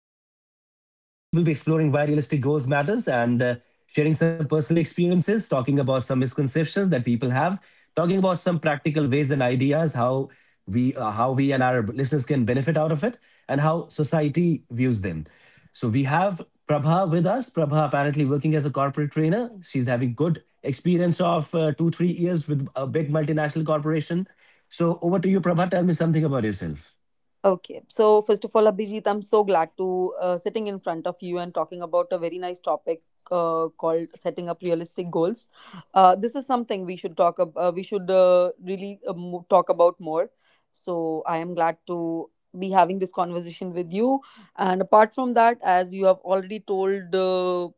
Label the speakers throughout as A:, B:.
A: as well. So, in this episode, we will be exploring why realistic goals matters and sharing some personal experiences, talking about some misconceptions that people have, talking about some practical ways and ideas how we and our listeners can benefit out of it, and how society views them. So we have Prabha with us. Prabha apparently working as a corporate trainer. She's having good experience of two, three years with a big multinational corporation. So over to you, Prabha. Tell me something about yourself.
B: Okay, so first of all, Abhijit, I'm so glad to sitting in front of you and talking about a very nice topic called setting up realistic goals. This is something we should talk about. We should really talk about more. So I am glad to be having this conversation with you. And apart from that, as you have already told.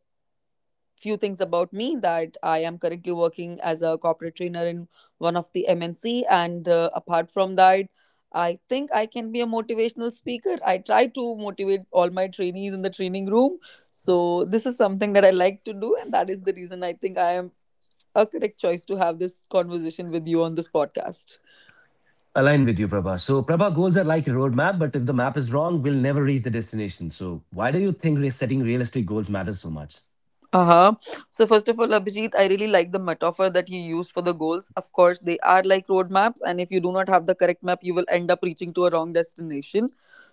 B: Few things about me that I am currently working as a corporate trainer in one of the MNC, and apart from that, I think I can be a motivational speaker. I try to motivate all my trainees in the training room, so this is something that I like to do, and that is the reason I think I am a correct choice to have this conversation with you on this podcast.
A: Align with you, Prabha. So Prabha, goals are like a roadmap, but if the map is wrong, we'll never reach the destination. So why do you think setting realistic goals matters so much?
B: Uh-huh. So first of all, Abhijit, I really like the metaphor that you used for the goals. Of course, they are like roadmaps, and if you do not have the correct map, you will end up reaching to a wrong destination.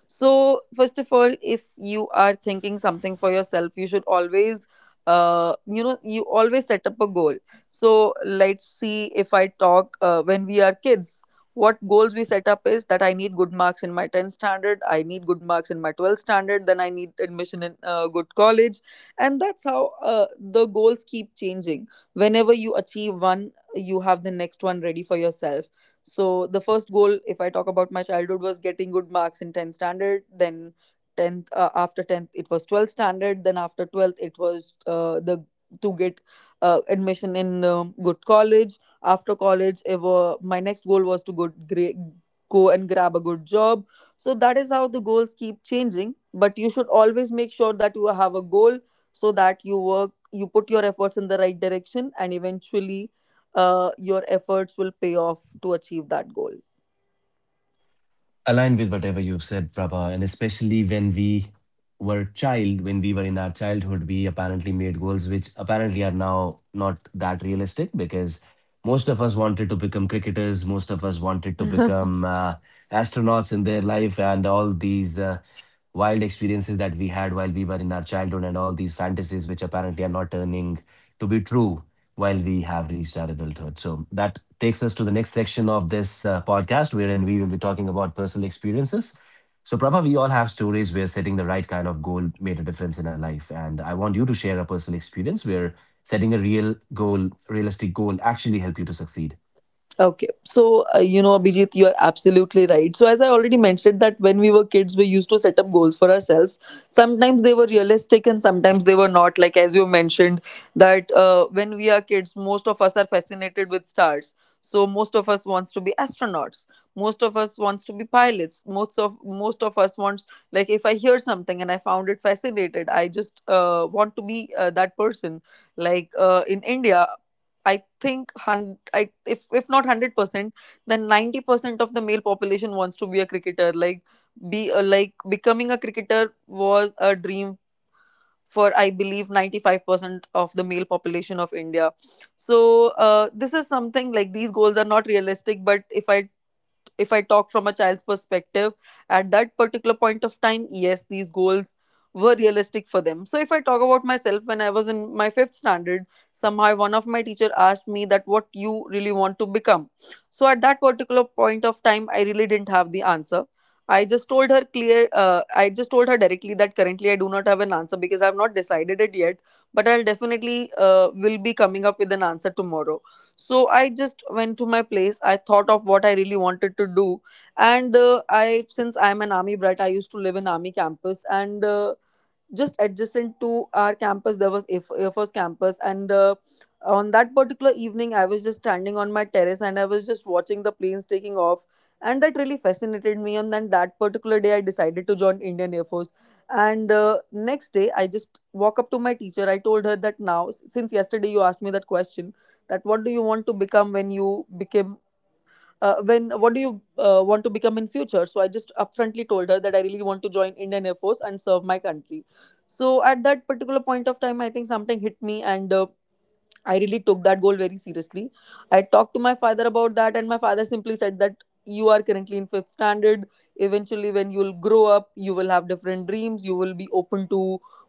B: So first of all, if you are thinking something for yourself, you should always you always set up a goal. So let's see, if I talk when we are kids, what goals we set up is that I need good marks in my 10th standard, I need good marks in my 12th standard, then I need admission in a good college. And that's how the goals keep changing. Whenever you achieve one, you have the next one ready for yourself. So the first goal, if I talk about my childhood, was getting good marks in 10th standard, then 10th, after 10th it was 12th standard, then after 12th it was the to get admission in good college. After college ever my next goal was to go gra- go and grab a good job. So that is how the goals keep changing, but you should always make sure that you have a goal so that you work, you put your efforts in the right direction, and eventually your efforts will pay off to achieve that goal.
A: Align with whatever you've said, Prabha, and especially when we were in our childhood, we apparently made goals which apparently are now not that realistic, because most of us wanted to become cricketers, most of us wanted to become astronauts in their life, and all these wild experiences that we had while we were in our childhood, and all these fantasies which apparently are not turning to be true while we have reached our adulthood. So that takes us to the next section of this podcast, wherein we will be talking about personal experiences. So, Prabha, we all have stories where setting the right kind of goal made a difference in our life. And I want you to share a personal experience where setting a real goal, realistic goal, actually helped you to succeed.
B: Okay, so Abhijit, you are absolutely right. So, as I already mentioned, that when we were kids, we used to set up goals for ourselves. Sometimes they were realistic, and sometimes they were not. Like as you mentioned, that when we are kids, most of us are fascinated with stars. So, most of us wants to be astronauts. Most of us wants to be pilots. Most of us wants, like if I hear something and I found it fascinated, I just want to be that person, like in India. I think, hun- I if not 100%, then 90% of the male population wants to be a cricketer. Like becoming a cricketer was a dream for, I believe, 95% of the male population of India. So this is something like these goals are not realistic. But if I talk from a child's perspective, at that particular point of time, yes, these goals were realistic for them. So if I talk about myself, when I was in my fifth standard, somehow one of my teacher asked me that what you really want to become. So at that particular point of time, I really didn't have the answer. I just told her clear. I just told her directly that currently I do not have an answer because I have not decided it yet. But I'll definitely will be coming up with an answer tomorrow. So I just went to my place. I thought of what I really wanted to do, and I since I'm an army brat, I used to live in army campus, and just adjacent to our campus there was Air Force campus. And on that particular evening I was just standing on my terrace, and I was just watching the planes taking off. And that really fascinated me, and then that particular day I decided to join Indian Air Force. And next day I just walk up to my teacher, I told her that now since yesterday you asked me that question, that what do you want to become, when you became, when what do you want to become in future. So I just upfrontly told her that I really want to join Indian Air Force and serve my country. So at that particular point of time I think something hit me, and I really took that goal very seriously. I talked to my father about that, and my father simply said that you are currently in fifth standard. Eventually, when you'll grow up, you will have different dreams, you will be open to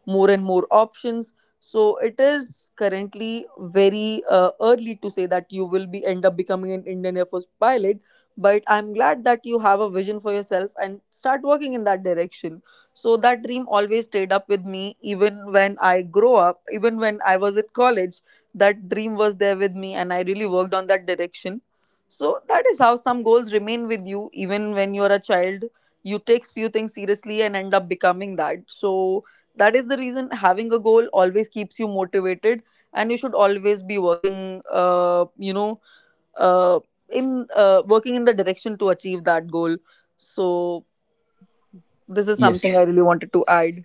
B: more and more options. So, it is currently very early to say that you will be end up becoming an Indian Air Force pilot, but I'm glad that you have a vision for yourself and start working in that direction. So, that dream always stayed up with me, even when I grow up, even when I was at college, that dream was there with me, and I really worked on that direction. So that is how some goals remain with you even when you're a child. You take few things seriously and end up becoming that. So that is the reason having a goal always keeps you motivated, and you should always be working, uh, in working in the direction to achieve that goal. So this is something I really
A: Yes.
B: wanted to add.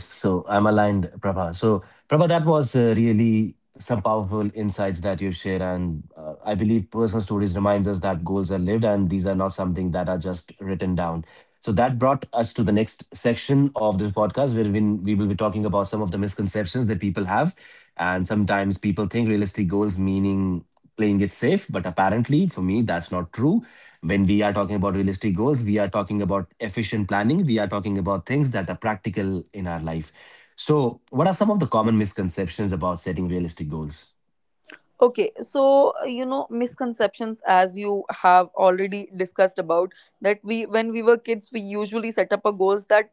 A: Yes, so I'm aligned, Prabha. So, Prabha, that was really some powerful insights that you've shared, and I believe personal stories reminds us that goals are lived, and these are not something that are just written down. So that brought us to the next section of this podcast, where we will be talking about some of the misconceptions that people have, and sometimes people think realistic goals meaning playing it safe. But apparently, for me, that's not true. When we are talking about realistic goals, we are talking about efficient planning. We are talking about things that are practical in our life. So, what are some of the common misconceptions about setting realistic goals?
B: Okay, so misconceptions, as you have already discussed about, that we when we were kids we usually set up a goals that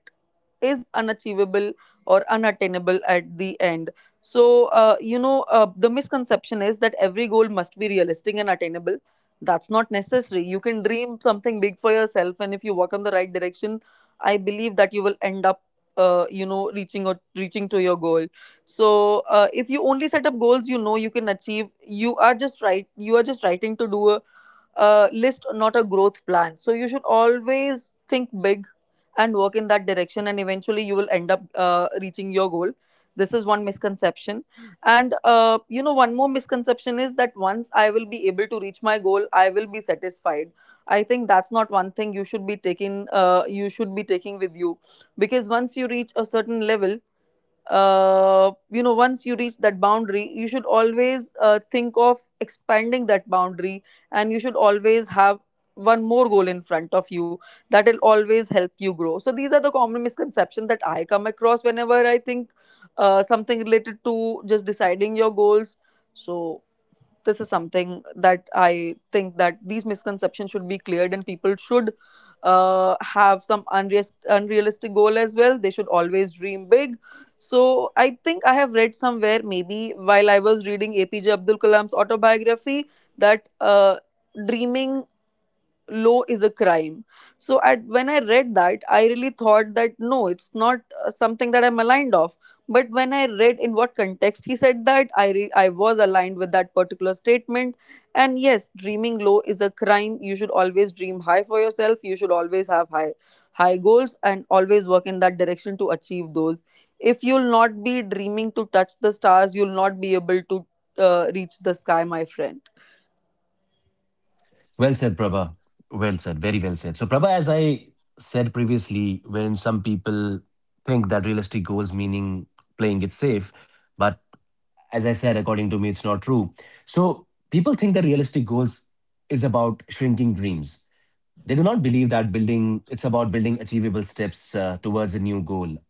B: is unachievable or unattainable at the end. So the misconception is that every goal must be realistic and attainable. That's not necessary. You can dream something big for yourself, and if you walk on the right direction, I believe that you will end up reaching to your goal. So if you only set up goals you know you can achieve, you are just writing to do a list, not a growth plan. So you should always think big and work in that direction, and eventually you will end up reaching your goal. This is one misconception. And one more misconception is that once I will be able to reach my goal I will be satisfied. I think that's not one thing you should be taking with you, because once you reach a certain level, once you reach that boundary, you should always think of expanding that boundary, and you should always have one more goal in front of you that will always help you grow. So these are the common misconceptions that I come across whenever I think something related to just deciding your goals. So this is something that I think that these misconceptions should be cleared, and people should have some unrealistic goal as well. They should always dream big. So I think I have read somewhere, maybe while I was reading APJ Abdul Kalam's autobiography, that dreaming low is a crime. So at when I read that I really thought that no, it's not something that I'm aligned of. But when I read in what context he said that, I was aligned with that particular statement. And yes, dreaming low is a crime. You should always dream high for yourself, you should always have high goals, and always work in that direction to achieve those. If you'll not be dreaming to touch the stars, you'll not be able to reach the sky, my friend.
A: Well said, Prabha. Well said. Very well said. So, Prabha, as I said previously, wherein some people think that realistic goals meaning playing it safe, but as I said, according to me, it's not true. So, people think that realistic goals is about shrinking dreams. They do not believe that building, it's about building achievable steps towards a new goal.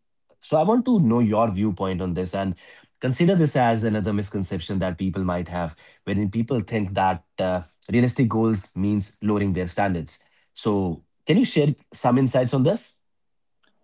A: So I want to know your viewpoint on this and consider this as another misconception that people might have, wherein people think that realistic goals means lowering their standards. So can you share some insights on this?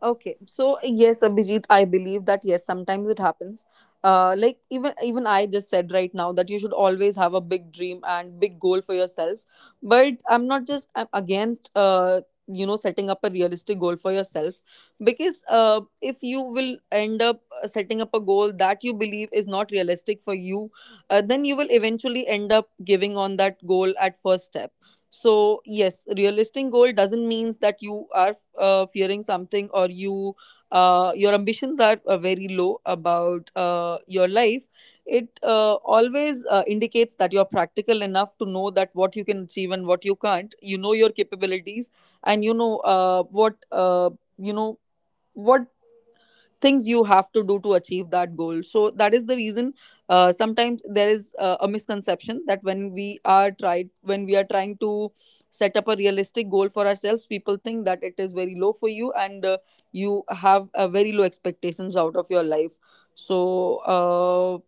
B: Okay, so yes, Abhijit, I believe that yes, sometimes it happens. Like even I just said right now that you should always have a big dream and big goal for yourself. But I'm not, just I'm against setting up a realistic goal for yourself, because if you will end up setting up a goal that you believe is not realistic for you, then you will eventually end up giving on that goal at first step. So yes, realistic goal doesn't means that you are fearing something, or your ambitions are very low about your life. It always indicates that you're practical enough to know that what you can achieve and what you can't. You know your capabilities and you know you know what things you have to do to achieve that goal, so that is the reason sometimes there is a misconception that when we are trying to set up a realistic goal for ourselves. People think that it is very low for you and you have very low expectations out of your life. So uh,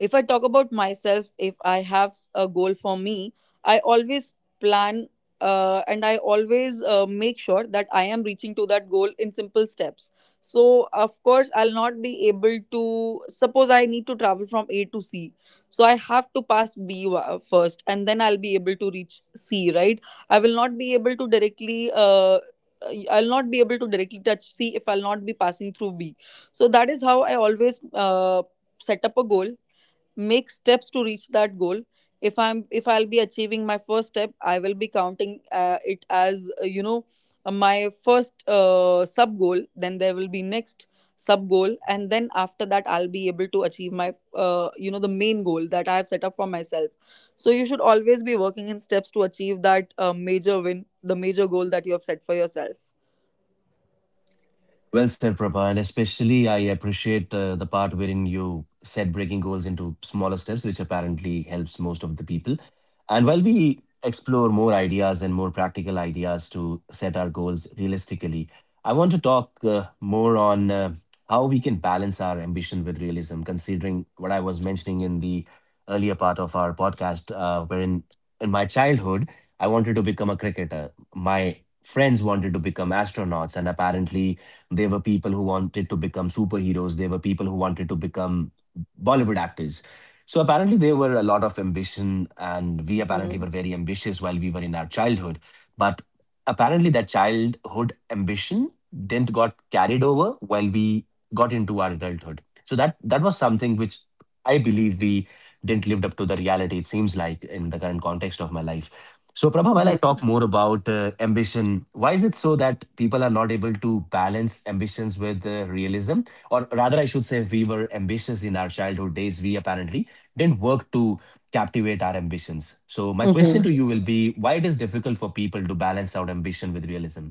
B: if I talk about myself, if I have a goal for me, I always plan and I always make sure that I am reaching to that goal in simple steps. So, of course, I'll not be able to. Suppose I need to travel from A to C. So, I have to pass first and then I'll be able to reach C, right? I will not be able to directly. I'll not be able to directly touch C if I'll not be passing through B. So that is how I always set up a goal, make steps to reach that goal. If I'll be achieving my first step, I will be counting it as my first sub goal, then there will be next sub goal, and then after that I'll be able to achieve my the main goal that I have set up for myself. So you should always be working in steps to achieve that major win the major goal that you have set for yourself.
A: Well said, Prabha. And especially, I appreciate the part wherein you set breaking goals into smaller steps, which apparently helps most of the people. And while we explore more ideas and more practical ideas to set our goals realistically, I want to talk more on how we can balance our ambition with realism, considering what I was mentioning in the earlier part of our podcast, wherein in my childhood, I wanted to become a cricketer. My friends wanted to become astronauts, and apparently, there were people who wanted to become superheroes. There were people who wanted to become Bollywood actors. So apparently, there were a lot of ambition, and we apparently
B: Mm-hmm.
A: were very ambitious while we were in our childhood. But apparently, that childhood ambition didn't got carried over while we got into our adulthood. So that was something which I believe we didn't lived up to the reality. It seems like in the current context of my life. So, Prabha, while I talk more about ambition, why is it so that people are not able to balance ambitions with realism? Or rather, I should say, we were ambitious in our childhood days. We apparently didn't work to captivate our ambitions. So, my
B: Mm-hmm.
A: question to you will be why it is difficult for people to balance out ambition with realism?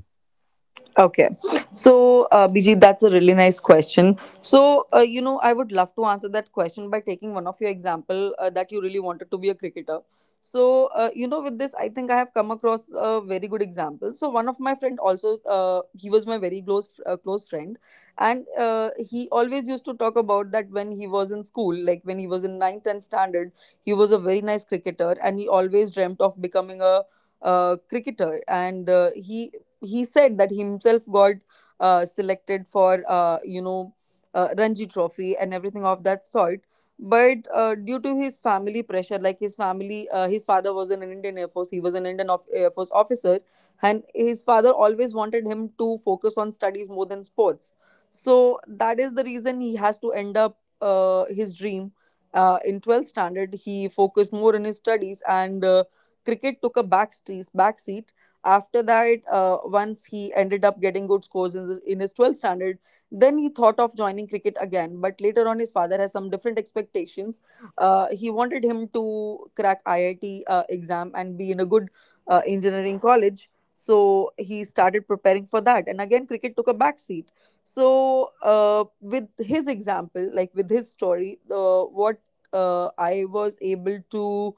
B: Okay. So, Bijit, that's a really nice question. So, I would love to answer that question by taking one of your example that you really wanted to be a cricketer. So, with this, I think I have come across a very good example. So, one of my friend also, he was my very close close friend, and he always used to talk about that when he was in school, like when he was in ninth, 10th standard, he was a very nice cricketer, and he always dreamt of becoming a cricketer, and he said that himself got selected for Ranji Trophy and everything of that sort. But due to his family pressure, like his family, his father was in an Indian Air Force. He was an Indian of, Air Force officer, and his father always wanted him to focus on studies more than sports. So that is the reason he has to end up his dream. In 12th standard, he focused more on his studies, and cricket took a back seat. After that, once he ended up getting good scores in, this, in his 12th standard, then he thought of joining cricket again. But later on, his father has some different expectations. He wanted him to crack IIT exam and be in a good engineering college. So he started preparing for that. And again, cricket took a backseat. So, with his example, like with his story, what I was able to,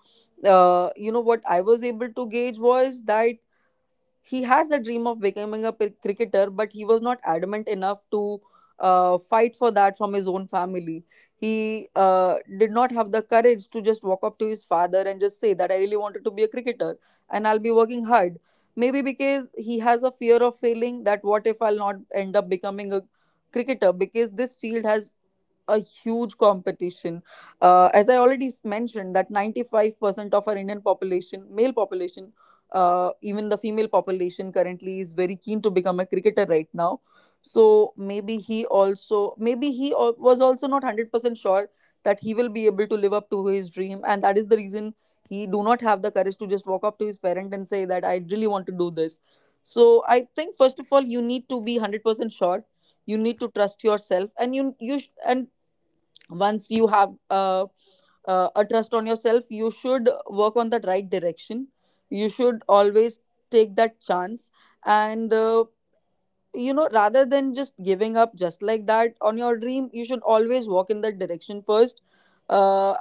B: what I was able to gauge was that he has the dream of becoming a cricketer, but he was not adamant enough to fight for that from his own family. He did not have the courage to just walk up to his father and just say that I really wanted to be a cricketer and I'll be working hard. Maybe because he has a fear of failing, that what if I'll not end up becoming a cricketer because this field has a huge competition. As I already mentioned, that 95% of our Indian population, male population, even the female population currently is very keen to become a cricketer right now. So maybe he also, was also not 100% sure that he will be able to live up to his dream. And that is the reason he do not have the courage to just walk up to his parent and say that I really want to do this. So I think first of all, you need to be 100% sure. You need to trust yourself and and once you have a trust on yourself, you should work on that right direction. You should always take that chance, and rather than just giving up just like that on your dream, you should always walk in that direction first. uh,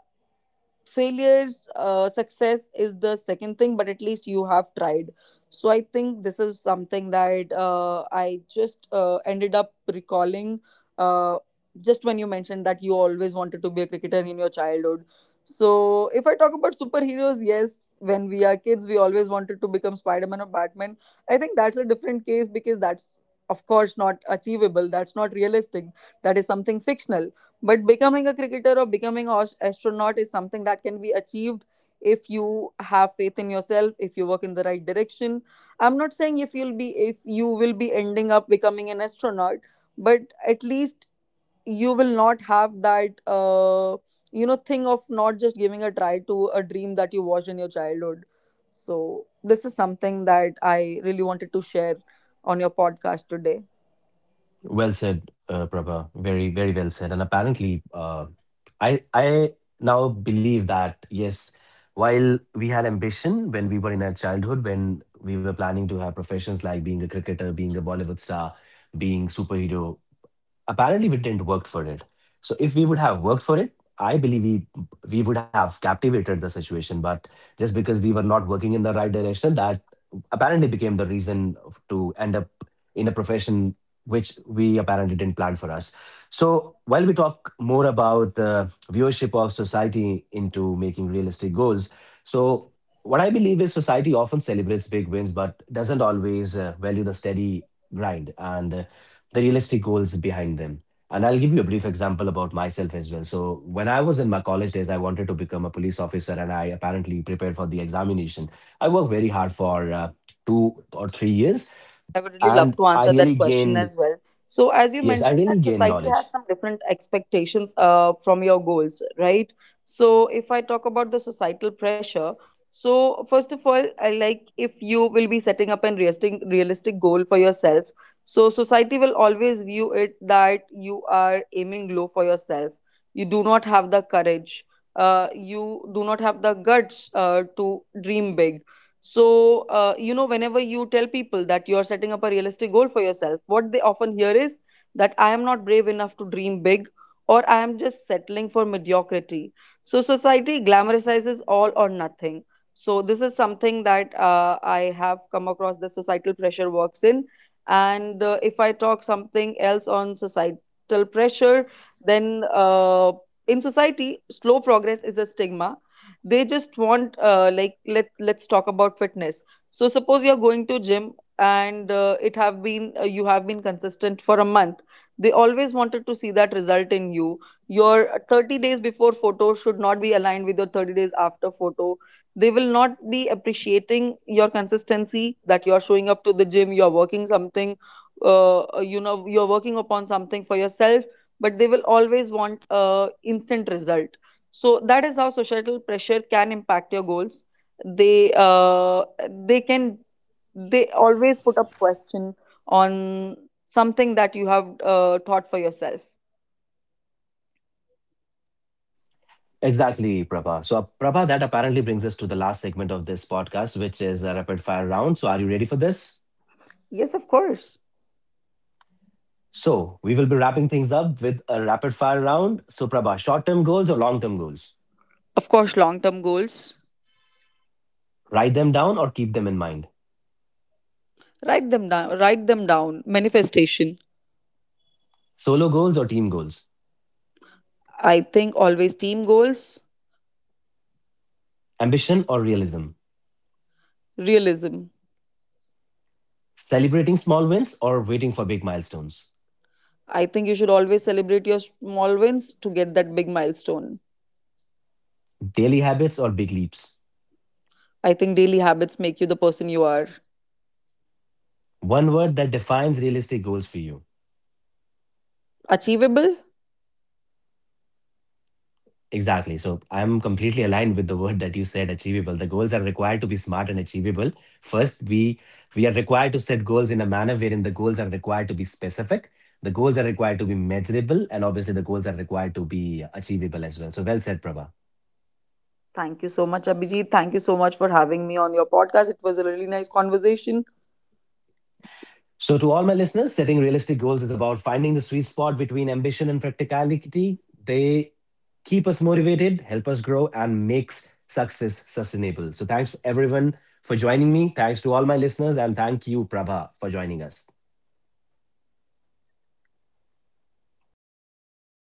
B: Failures, success is the second thing, but at least you have tried. So I think this is something that I just ended up recalling uh, just when you mentioned that you always wanted to be a cricketer in your childhood. So if I talk about superheroes, yes, when we are kids, we always wanted to become Spider-Man or Batman. I think that's a different case because that's of course not achievable, that's not realistic, that is something fictional. But becoming a cricketer or becoming an astronaut is something that can be achieved if you have faith in yourself, if you work in the right direction. I'm not saying if you'll be if you will be ending up becoming an astronaut, but at least you will not have that thing of not just giving a try to a dream that you watched in your childhood. So this is something that I really wanted to share on your podcast today.
A: Well said, Prabha. Very, very well said. And apparently, I now believe that yes, while we had ambition when we were in our childhood, when we were planning to have professions like being a cricketer, being a Bollywood star, being superhero, apparently we didn't work for it. So if we would have worked for it, I believe we would have captivated the situation. But just because we were not working in the right direction, that apparently became the reason to end up in a profession which we apparently didn't plan for us. So while we talk more about viewership of society into making realistic goals, so what I believe is society often celebrates big wins, but doesn't always value the steady grind and the realistic goals behind them. And I'll give you a brief example about myself as well. So, when I was in my college days, I wanted to become a police officer and I apparently prepared for the examination. I worked very hard for 2 or 3 years
C: To
A: and
C: answer
A: I
C: that
A: really
C: question as
A: gained,
C: well. So, as you
A: yes, I
C: mentioned,
A: really
C: that
A: gained
C: society has
A: knowledge.
C: some different expectations from your goals, right? So, if I talk about the societal pressure, so first of all, I like if you will be setting up an realistic goal for yourself. So, society will always view it that you are aiming low for yourself. You do not have the courage. You do not have the guts to dream big so, whenever you tell people that you are setting up a realistic goal for yourself, what they often hear is that I am not brave enough to dream big or I am just settling for mediocrity. So, society glamorizes all or nothing. So, this is something that I have come across the societal pressure works in. And if I talk something else on societal pressure, then in society, slow progress is a stigma. They just want like let's talk about fitness. So suppose you're going to gym, and it have been you have been consistent for a month. They always wanted to see that result in you. Your 30 days before photo should not be aligned with your 30 days after photo. They will not be appreciating your consistency, that you're showing up to the gym, you're working something, you're working upon something for yourself, but they will always want a instant result. So that is how societal pressure can impact your goals. They can, they always put up question on something that you have thought for yourself.
A: Exactly, Prabha. So, Prabha, that apparently brings us to the last segment of this podcast, which is a rapid fire round. So, are you ready for this?
C: Yes, of course.
A: So, we will be wrapping things up with a rapid fire round. So, Prabha, short term goals or long term goals?
C: Of course, long term goals.
A: Write them down or keep them in mind?
C: Write them down. Write them down. Manifestation.
A: Solo goals or team goals?
C: I think always team goals.
A: Ambition or realism?
C: Realism.
A: Celebrating small wins or waiting for big milestones?
C: I think you should always celebrate your small wins to get that big milestone.
A: Daily habits or big leaps?
C: I think daily habits make you the person you are.
A: One word that defines realistic goals for you.
C: Achievable?
A: Exactly. So I'm completely aligned with the word that you said, achievable. The goals are required to be smart and achievable. First, we are required to set goals in a manner wherein the goals are required to be specific. The goals are required to be measurable, and obviously the goals are required to be achievable as well. So well said, Prabha.
C: Thank you so much, Abhijit. Thank you so much for having me on your podcast. It was a really nice conversation.
A: So, to all my listeners, setting realistic goals is about finding the sweet spot between ambition and practicality. They keep us motivated, help us grow, and makes success sustainable. So, thanks everyone for joining me. Thanks to all my listeners, and thank you, Prabha, for joining us.